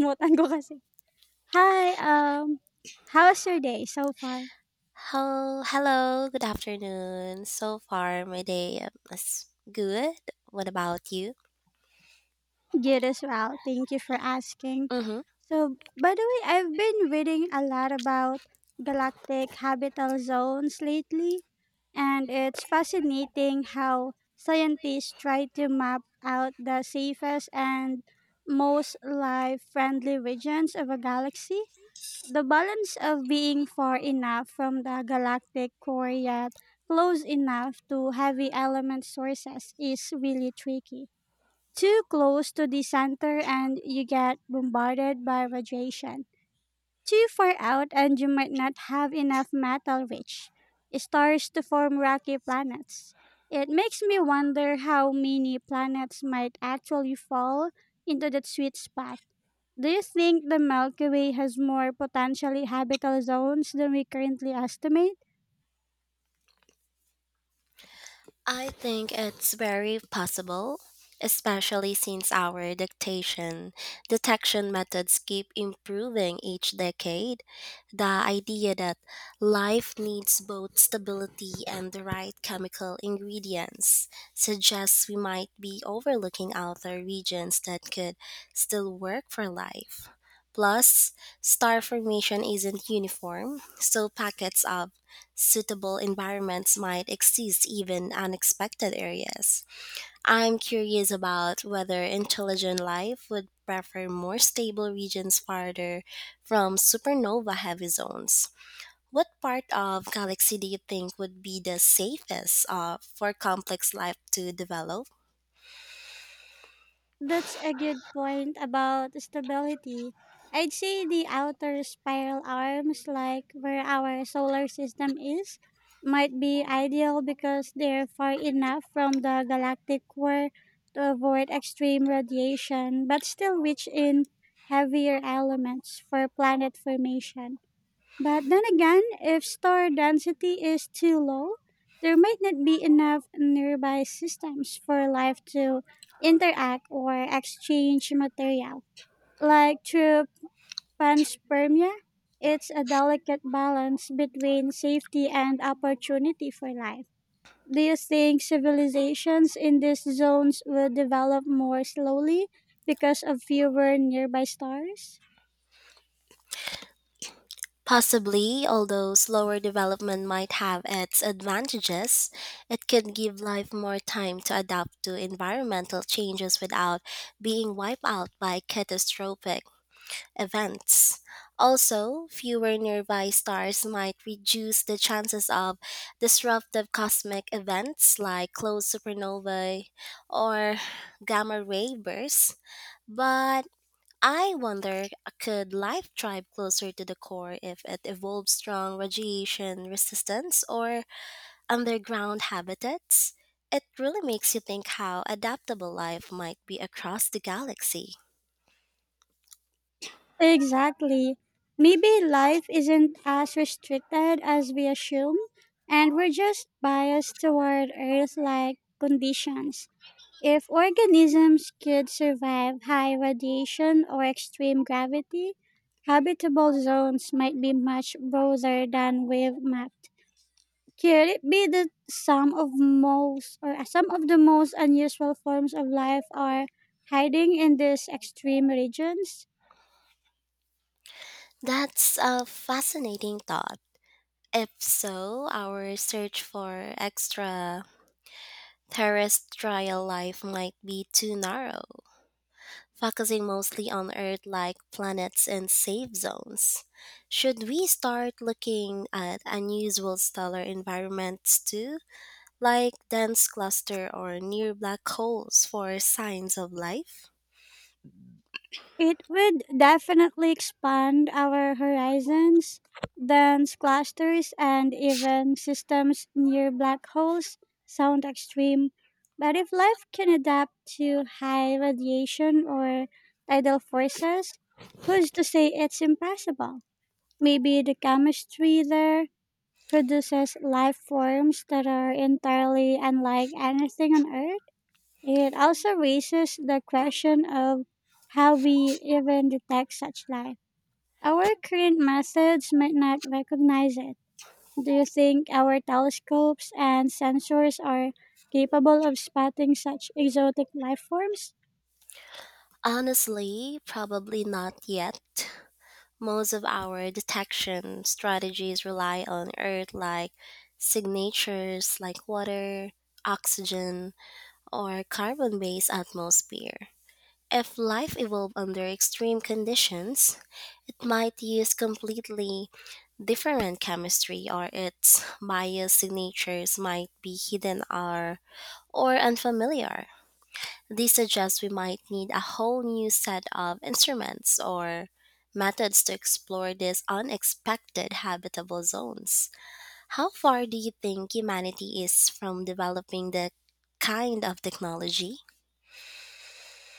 Kalimutan ko kasi. Hi, um, How's your day so far? Hello, hello, good afternoon. So far, my day is good. What about you? Good as well. Thank you for asking. Mm-hmm. So, by the way, I've been reading a lot about galactic habitable zones lately, and it's fascinating how scientists try to map out the safest and most life friendly regions of a galaxy. The balance of being far enough from the galactic core yet close enough to heavy element sources is really tricky. Too close to the center and you get bombarded by radiation too far out and you might not have enough metal rich stars to form rocky planets. It makes me wonder how many planets might actually fall into that sweet spot. Do you think the Milky Way has more potentially habitable zones than we currently estimate? I think it's very possible, especially since our dictation detection methods keep improving each decade. The idea that life needs both stability and the right chemical ingredients suggests we might be overlooking other regions that could still work for life. Plus, star formation isn't uniform, so packets of suitable environments might exist even unexpected areas. I'm curious about whether intelligent life would prefer more stable regions farther from supernova heavy zones. What part of galaxy do you think would be the safest for complex life to develop? That's a good point about stability. I'd say the outer spiral arms, like where our solar system is, might be ideal because they're far enough from the galactic core to avoid extreme radiation, but still rich in heavier elements for planet formation. But then again, if star density is too low, there might not be enough nearby systems for life to interact or exchange material. Like through panspermia, it's a delicate balance between safety and opportunity for life. Do you think civilizations in these zones will develop more slowly because of fewer nearby stars? Possibly, although slower development might have its advantages, it can give life more time to adapt to environmental changes without being wiped out by catastrophic events. Also, fewer nearby stars might reduce the chances of disruptive cosmic events like closed supernovae or gamma ray bursts, but I wonder, could life thrive closer to the core if it evolved strong radiation resistance or underground habitats? It really makes you think how adaptable life might be across the galaxy. Exactly. Maybe life isn't as restricted as we assume, and we're just biased toward Earth like conditions. If organisms could survive high radiation or extreme gravity, habitable zones might be much broader than we've mapped. Could it be that some of the most unusual forms of life are hiding in these extreme regions? That's a fascinating thought. If so, our search for extraterrestrial life might be too narrow, focusing mostly on Earth like planets and safe zones. Should we start looking at unusual stellar environments too, like dense cluster or near black holes for signs of life? It would definitely expand our horizons, dense clusters, and even systems near black holes sound extreme. But if life can adapt to high radiation or tidal forces, who's to say it's impossible? Maybe the chemistry there produces life forms that are entirely unlike anything on Earth? It also raises the question of how we even detect such life. Our current methods might not recognize it. Do you think our telescopes and sensors are capable of spotting such exotic life forms? Honestly, probably not yet. Most of our detection strategies rely on Earth like signatures like water, oxygen, or carbon based atmosphere. If life evolved under extreme conditions, it might use completely different chemistry or its bias signatures might be hidden or unfamiliar. This suggests we might need a whole new set of instruments or methods to explore these unexpected habitable zones. How far do you think humanity is from developing the kind of technology?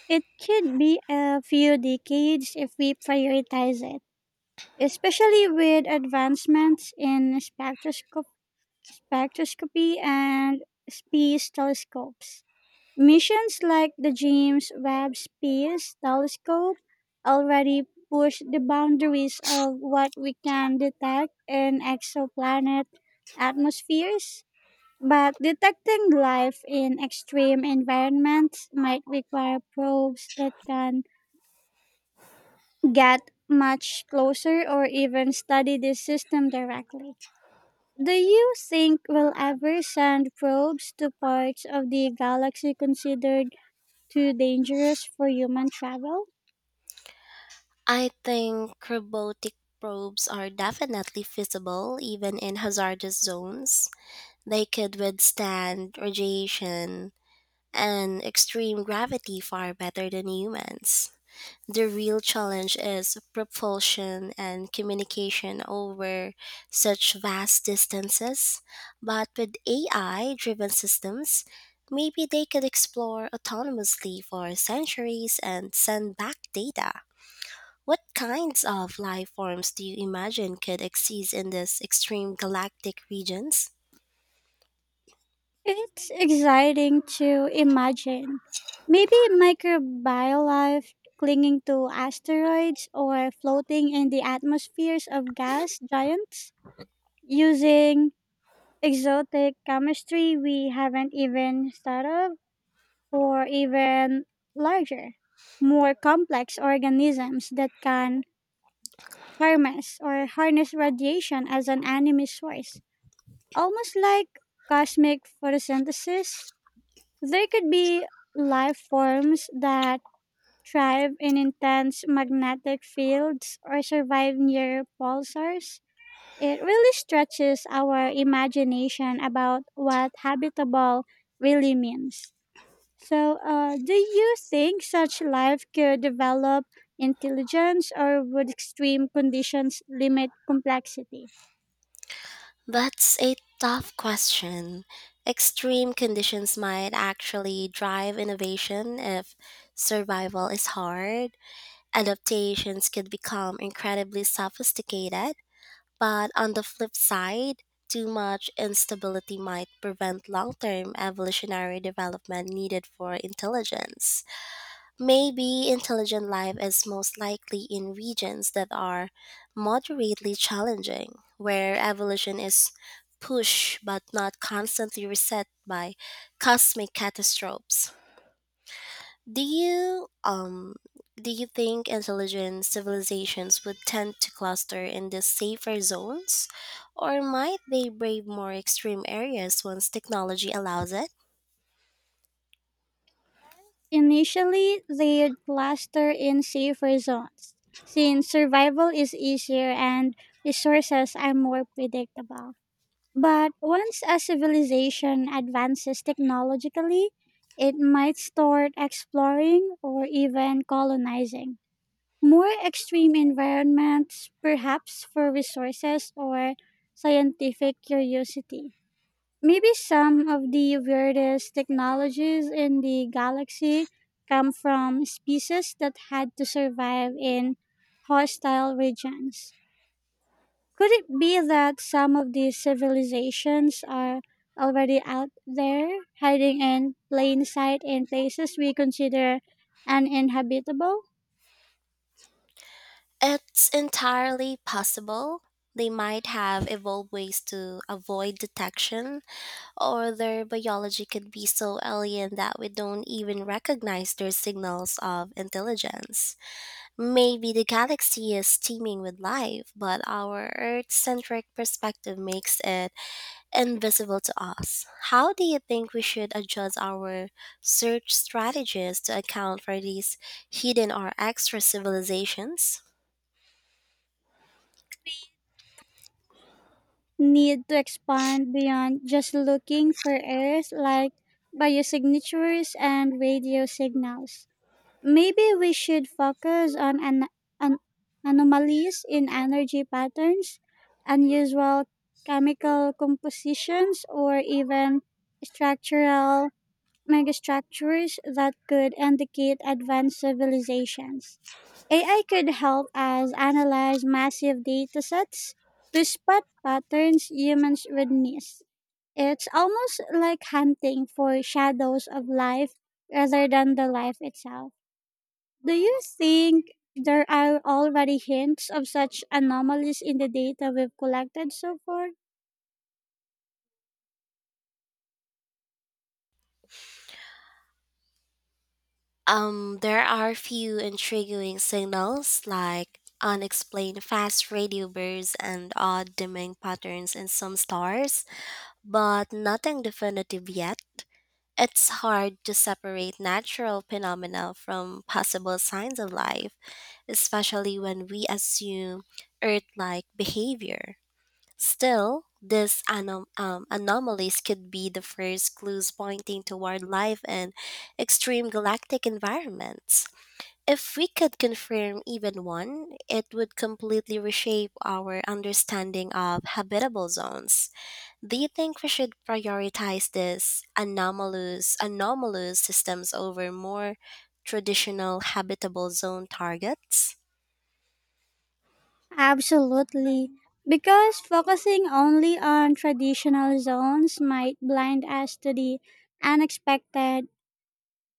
It could be a few decades if we prioritize it, especially with advancements in spectroscopy and space telescopes. Missions like the James Webb Space Telescope already push the boundaries of what we can detect in exoplanet atmospheres, but detecting life in extreme environments might require probes that can get much closer or even study the system directly. Do you think we'll ever send probes to parts of the galaxy considered too dangerous for human travel? I think robotic probes are definitely feasible even in hazardous zones. They could withstand radiation and extreme gravity far better than humans. The real challenge is propulsion and communication over such vast distances. But with AI driven systems, maybe they could explore autonomously for centuries and send back data. What kinds of life forms do you imagine could exist in these extreme galactic regions? It's exciting to imagine. Maybe microbiolife clinging to asteroids or floating in the atmospheres of gas giants using exotic chemistry we haven't even thought of, or even larger, more complex organisms that can harness radiation as an enemy source. Almost like cosmic photosynthesis, there could be life forms that thrive in intense magnetic fields or survive near pulsars. It really stretches our imagination about what habitable really means. So, do you think such life could develop intelligence or would extreme conditions limit complexity? That's a tough question. Extreme conditions might actually drive innovation if survival is hard. Adaptations could become incredibly sophisticated, but on the flip side, too much instability might prevent long term evolutionary development needed for intelligence. Maybe intelligent life is most likely in regions that are moderately challenging, where evolution is pushed but not constantly reset by cosmic catastrophes. Do you um do you think intelligent civilizations would tend to cluster in the safer zones, or might they brave more extreme areas once technology allows it? Initially, they'd cluster in safer zones, since survival is easier and resources are more predictable. But once a civilization advances technologically, it might start exploring or even colonizing more extreme environments, perhaps for resources or scientific curiosity. Maybe some of the weirdest technologies in the galaxy come from species that had to survive in hostile regions. Could it be that some of these civilizations are already out there, hiding in plain sight in places we consider uninhabitable? It's entirely possible. They might have evolved ways to avoid detection, or their biology could be so alien that we don't even recognize their signals of intelligence. Maybe the galaxy is teeming with life, but our Earth centric perspective makes it invisible to us. How do you think we should adjust our search strategies to account for these hidden or extra civilizations? Need to expand beyond just looking for Earth, like biosignatures and radio signals. Maybe we should focus on an anomalies in energy patterns, unusual chemical compositions, or even structural megastructures that could indicate advanced civilizations. AI could help us analyze massive datasets to spot patterns humans would miss. It's almost like hunting for shadows of life rather than the life itself. Do you think there are already hints of such anomalies in the data we've collected so far? There are a few intriguing signals like unexplained fast radio bursts and odd dimming patterns in some stars, but nothing definitive yet. It's hard to separate natural phenomena from possible signs of life, especially when we assume Earth like behavior. Still, these anomalies could be the first clues pointing toward life in extreme galactic environments. If we could confirm even one, it would completely reshape our understanding of habitable zones. Do you think we should prioritize these anomalous anomalous systems over more traditional habitable zone targets? Absolutely. Because focusing only on traditional zones might blind us to the unexpected.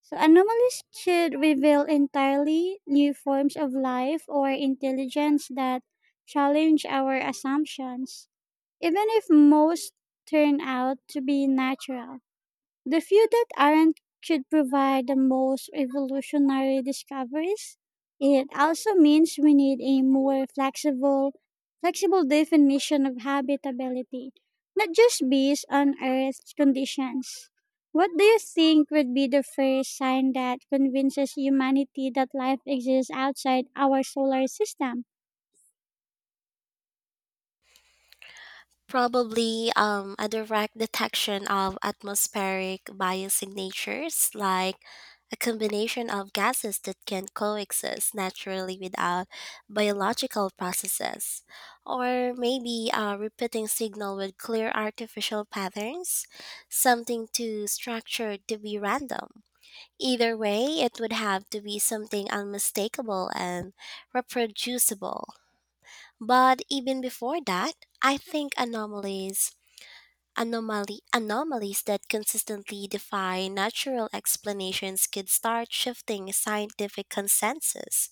So, anomalies should reveal entirely new forms of life or intelligence that challenge our assumptions, even if most turn out to be natural. The few that aren't should provide the most revolutionary discoveries. It also means we need a more flexible definition of habitability, not just based on Earth's conditions. What do you think would be the first sign that convinces humanity that life exists outside our solar system? Probably a direct detection of atmospheric biosignatures, like a combination of gases that can coexist naturally without biological processes, or maybe a repeating signal with clear artificial patterns, something too structured to be random. Either way, it would have to be something unmistakable and reproducible. But even before that, I think anomalies that consistently defy natural explanations could start shifting scientific consensus.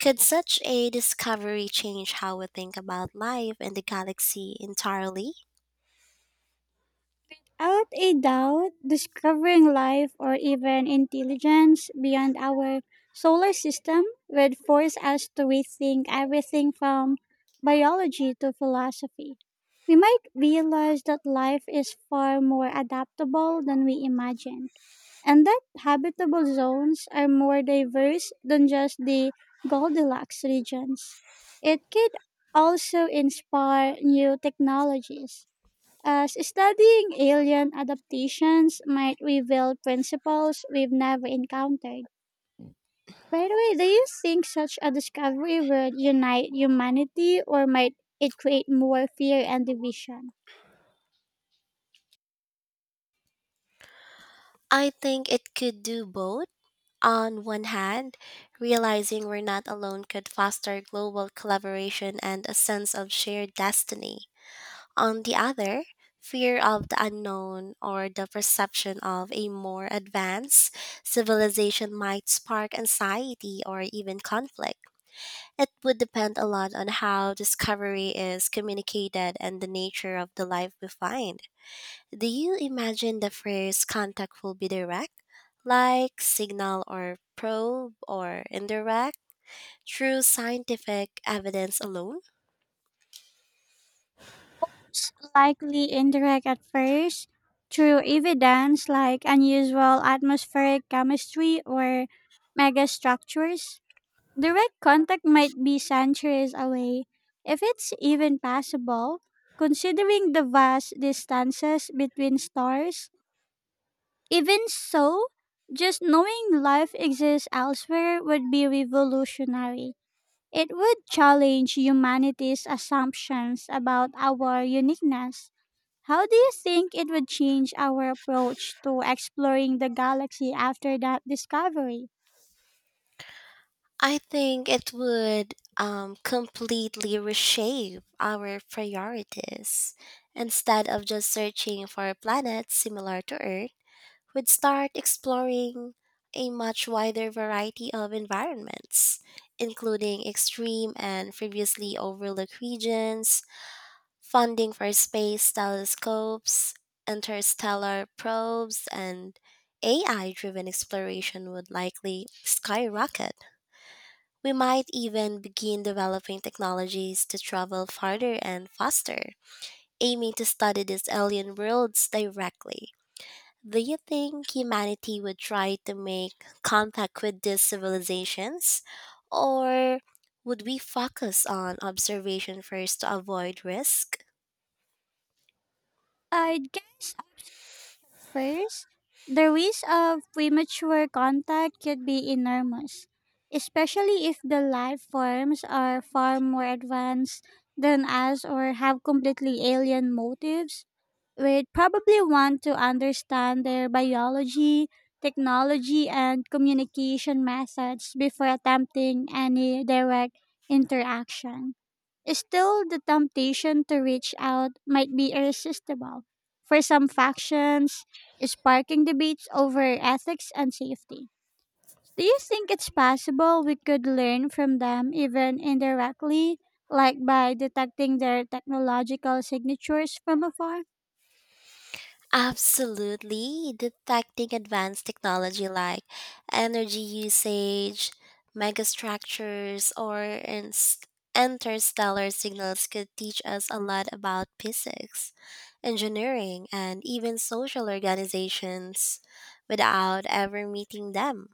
Could such a discovery change how we think about life and the galaxy entirely? Without a doubt, discovering life or even intelligence beyond our solar system would force us to rethink everything from biology to philosophy. We might realize that life is far more adaptable than we imagined, and that habitable zones are more diverse than just the Goldilocks regions. It could also inspire new technologies as studying alien adaptations might reveal principles we've never encountered. By the way, do you think such a discovery would unite humanity or might it create more fear and division? I think it could do both. On one hand, realizing we're not alone could foster global collaboration and a sense of shared destiny. On the other, fear of the unknown or the perception of a more advanced civilization might spark anxiety or even conflict. It would depend a lot on how discovery is communicated and the nature of the life we find. Do you imagine the first contact will be direct, like signal or probe, or indirect, through scientific evidence alone? It's likely indirect at first, through evidence like unusual atmospheric chemistry or megastructures. Direct contact might be centuries away, if it's even possible, considering the vast distances between stars. Even so, just knowing life exists elsewhere would be revolutionary. It would challenge humanity's assumptions about our uniqueness. How do you think it would change our approach to exploring the galaxy after that discovery? I think it would completely reshape our priorities. Instead of just searching for planets similar to Earth, we'd start exploring a much wider variety of environments, including extreme and previously overlooked regions, funding for space telescopes, interstellar probes, and AI driven exploration would likely skyrocket. We might even begin developing technologies to travel farther and faster, aiming to study these alien worlds directly. Do you think humanity would try to make contact with these civilizations? Or would we focus on observation first to avoid risk? I'd guess observation first. The risk of premature contact could be enormous, especially if the life forms are far more advanced than us or have completely alien motives. We'd probably want to understand their biology, technology, and communication methods before attempting any direct interaction. Still, the temptation to reach out might be irresistible. For some factions, sparking debates over ethics and safety. Do you think it's possible we could learn from them even indirectly, like by detecting their technological signatures from afar? Absolutely. Detecting advanced technology like energy usage, megastructures, or interstellar signals could teach us a lot about physics, engineering, and even social organizations without ever meeting them.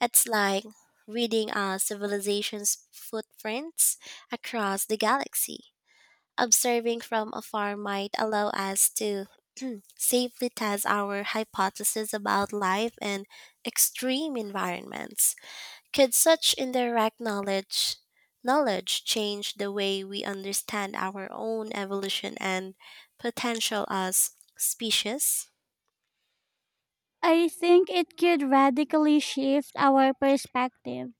It's like reading a civilization's footprints across the galaxy. Observing from afar might allow us to safely test our hypotheses about life and extreme environments. Could such indirect knowledge change the way we understand our own evolution and potential as species? I think it could radically shift our perspective.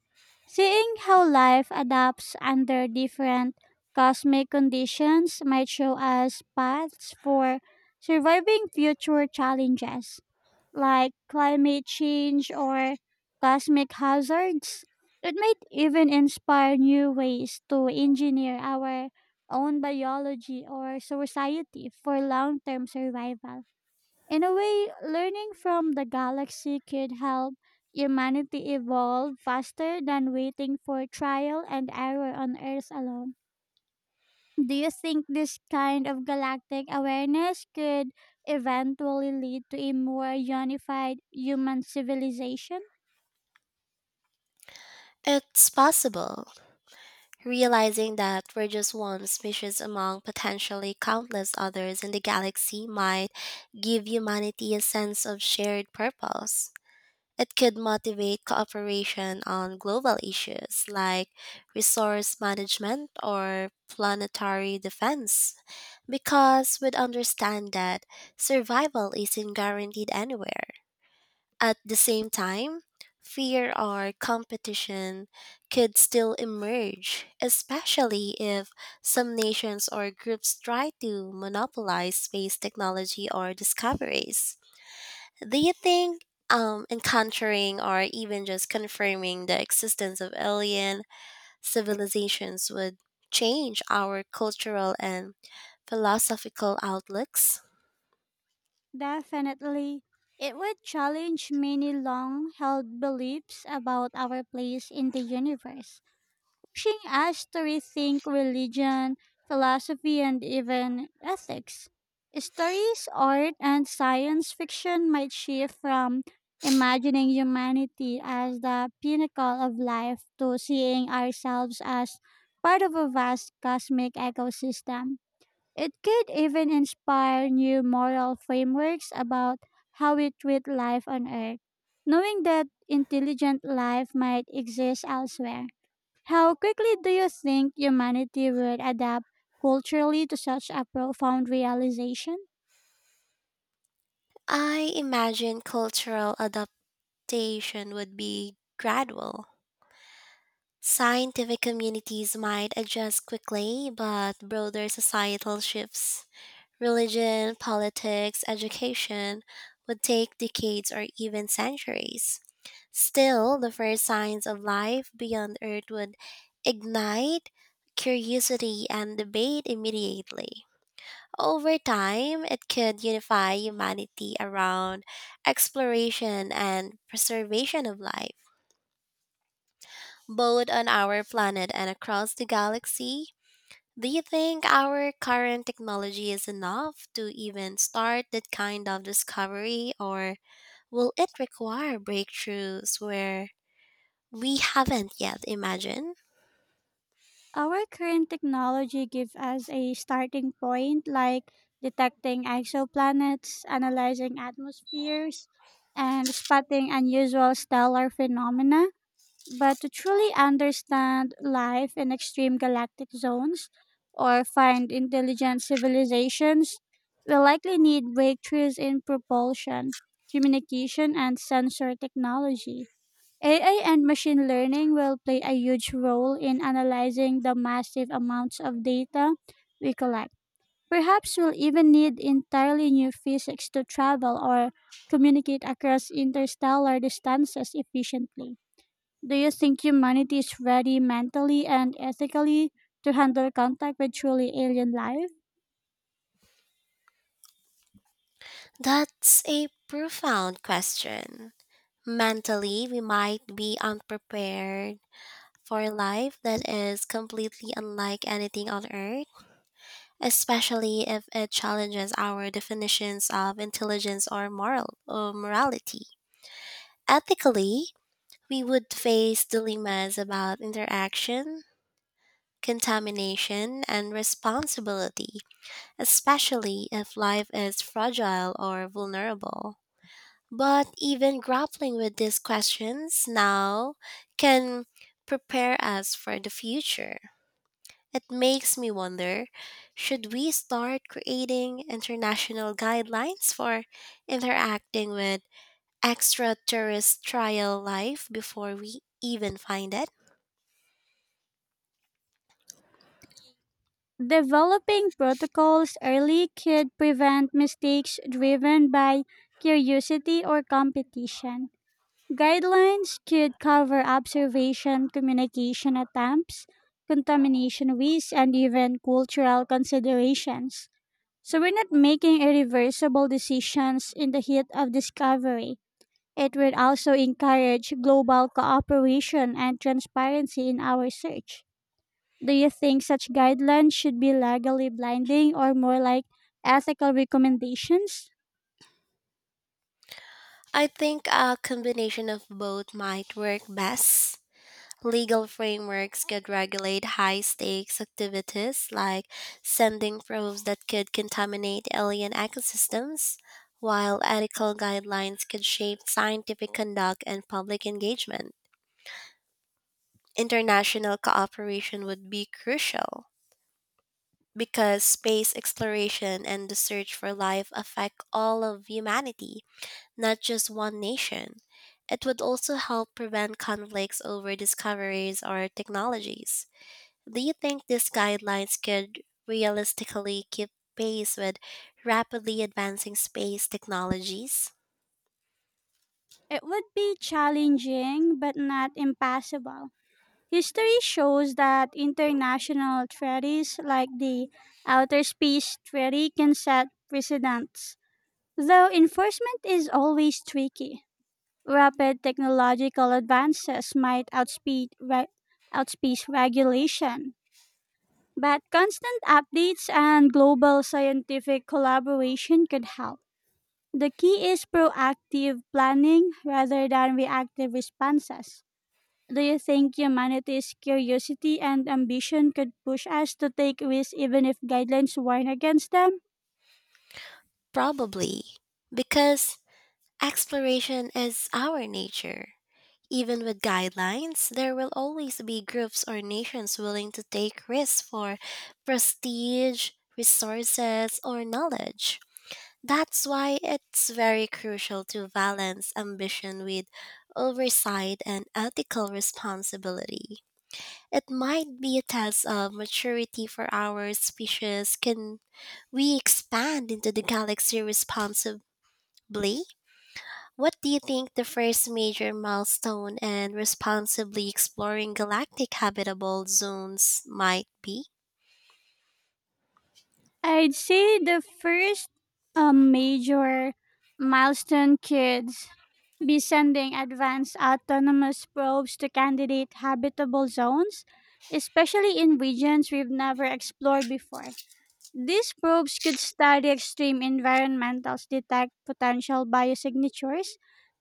Seeing how life adapts under different cosmic conditions might show us paths for surviving future challenges like climate change or cosmic hazards. It might even inspire new ways to engineer our own biology or society for long term survival. In a way, learning from the galaxy could help humanity evolve faster than waiting for trial and error on Earth alone. Do you think this kind of galactic awareness could eventually lead to a more unified human civilization? It's possible. Realizing that we're just one species among potentially countless others in the galaxy might give humanity a sense of shared purpose. It could motivate cooperation on global issues like resource management or planetary defense, because we'd understand that survival isn't guaranteed anywhere. At the same time, fear or competition could still emerge, especially if some nations or groups try to monopolize space technology or discoveries. Do you think encountering or even just confirming the existence of alien civilizations would change our cultural and philosophical outlooks? Definitely. It would challenge many long held beliefs about our place in the universe pushing us to rethink religion, philosophy, and even ethics. Stories, art, and science fiction might shift from imagining humanity as the pinnacle of life to seeing ourselves as part of a vast cosmic ecosystem. It could even inspire new moral frameworks about how we treat life on Earth, knowing that intelligent life might exist elsewhere. How quickly do you think humanity would adapt culturally to such a profound realization? I imagine cultural adaptation would be gradual. Scientific communities might adjust quickly, but broader societal shifts, religion, politics, education, would take decades or even centuries. Still, the first signs of life beyond Earth would ignite curiosity and debate immediately. Over time, it could unify humanity around exploration and preservation of life, both on our planet and across the galaxy. Do you think our current technology is enough to even start that kind of discovery, or will it require breakthroughs where we haven't yet imagined? Our current technology gives us a starting point like detecting exoplanets, analyzing atmospheres, and spotting unusual stellar phenomena. But to truly understand life in extreme galactic zones or find intelligent civilizations, we'll likely need breakthroughs in propulsion, communication, and sensor technology. AI and machine learning will play a huge role in analyzing the massive amounts of data we collect. Perhaps we'll even need entirely new physics to travel or communicate across interstellar distances efficiently. Do you think humanity is ready mentally and ethically to handle contact with truly alien life? That's a profound question. Mentally, we might be unprepared for life that is completely unlike anything on earth, especially if it challenges our definitions of intelligence or moral or morality. Ethically, we would face dilemmas about interaction, contamination, and responsibility, especially if life is fragile or vulnerable. But even grappling with these questions now can prepare us for the future. It makes me wonder, should we start creating international guidelines for interacting with extraterrestrial life before we even find it? Developing protocols early could prevent mistakes driven by curiosity or competition. Guidelines could cover observation, communication attempts, contamination risks, and even cultural considerations. So we're not making irreversible decisions in the heat of discovery. It will also encourage global cooperation and transparency in our search. Do you think such guidelines should be legally blinding or more like ethical recommendations? I think a combination of both might work best. Legal frameworks could regulate high stakes activities like sending probes that could contaminate alien ecosystems, while ethical guidelines could shape scientific conduct and public engagement. International cooperation would be crucial because space exploration and the search for life affect all of humanity, not just one nation. It would also help prevent conflicts over discoveries or technologies. Do you think these guidelines could realistically keep pace with rapidly advancing space technologies? It would be challenging but not impossible. History shows that international treaties like the Outer Space Treaty can set precedents, though enforcement is always tricky. Rapid technological advances might outpace regulation, but constant updates and global scientific collaboration could help. The key is proactive planning rather than reactive responses. Do you think humanity's curiosity and ambition could push us to take risks even if guidelines warn against them? Probably, because exploration is our nature. Even with guidelines, there will always be groups or nations willing to take risks for prestige, resources, or knowledge. That's why it's very crucial to balance ambition with oversight and ethical responsibility. It might be a test of maturity for our species. Can we expand into the galaxy responsibly? What do you think the first major milestone in responsibly exploring galactic habitable zones might be? I'd say the first major milestone could be sending advanced autonomous probes to candidate habitable zones, especially in regions we've never explored before. These probes could study extreme environments, detect potential biosignatures,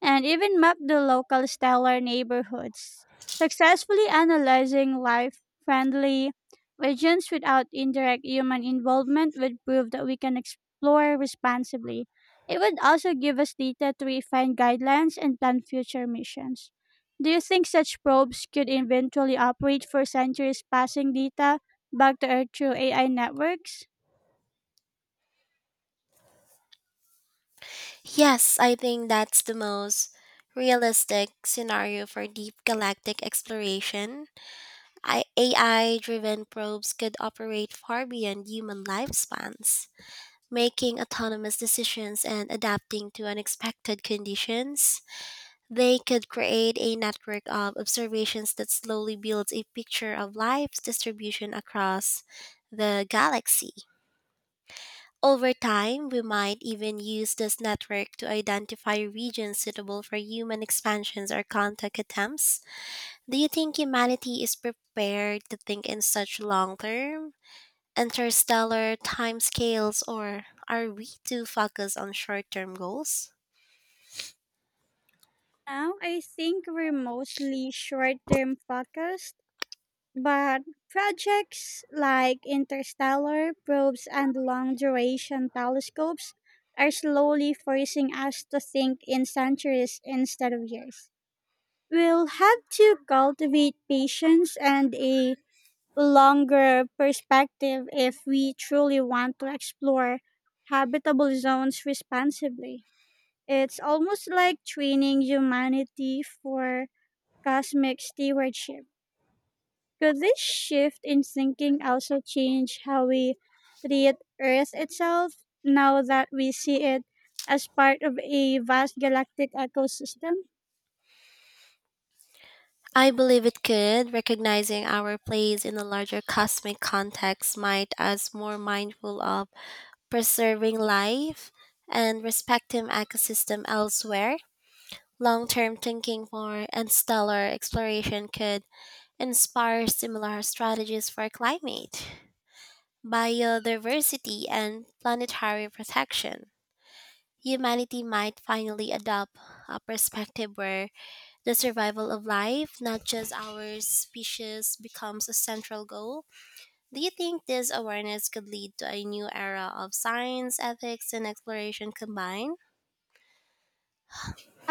and even map the local stellar neighborhoods, successfully analyzing life friendly regions without indirect human involvement would prove that we can explore responsibly. It would also give us data to refine guidelines and plan future missions. Do you think such probes could eventually operate for centuries, passing data back to Earth through AI networks? Yes, I think that's the most realistic scenario for deep galactic exploration. AI driven probes could operate far beyond human lifespans, making autonomous decisions and adapting to unexpected conditions. They could create a network of observations that slowly builds a picture of life's distribution across the galaxy. Over time, we might even use this network to identify regions suitable for human expansions or contact attempts. Do you think humanity is prepared to think in such long term interstellar timescales, or are we too focused on short term goals? Now I think we're mostly short term focused, but projects like interstellar probes and long duration telescopes are slowly forcing us to think in centuries instead of years. We'll have to cultivate patience and a longer perspective if we truly want to explore habitable zones responsibly. It's almost like training humanity for cosmic stewardship. Could this shift in thinking also change how we treat Earth itself now that we see it as part of a vast galactic ecosystem? I believe it could. Recognizing our place in a larger cosmic context might us more mindful of preserving life and respecting ecosystem elsewhere. Long-term thinking for and stellar exploration could inspire similar strategies for climate, biodiversity, and planetary protection. Humanity might finally adopt a perspective where the survival of life, not just our species, becomes a central goal. Do you think this awareness could lead to a new era of science, ethics, and exploration combined?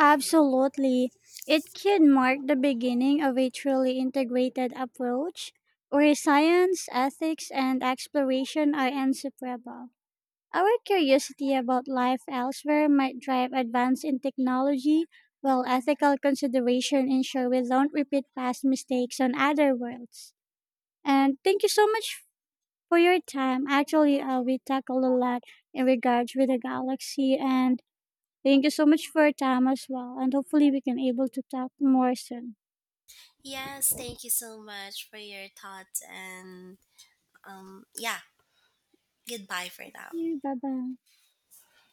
Absolutely. It can mark the beginning of a truly integrated approach where science, ethics, and exploration are inseparable. Our curiosity about life elsewhere might drive advance in technology, while ethical consideration ensure we don't repeat past mistakes on other worlds. And thank you so much for your time. Actually, we tackled a lot in regards with the galaxy, and thank you so much for your time as well. And hopefully, we can able to talk more soon. Yes, thank you so much for your thoughts, and yeah, goodbye for now. Bye bye.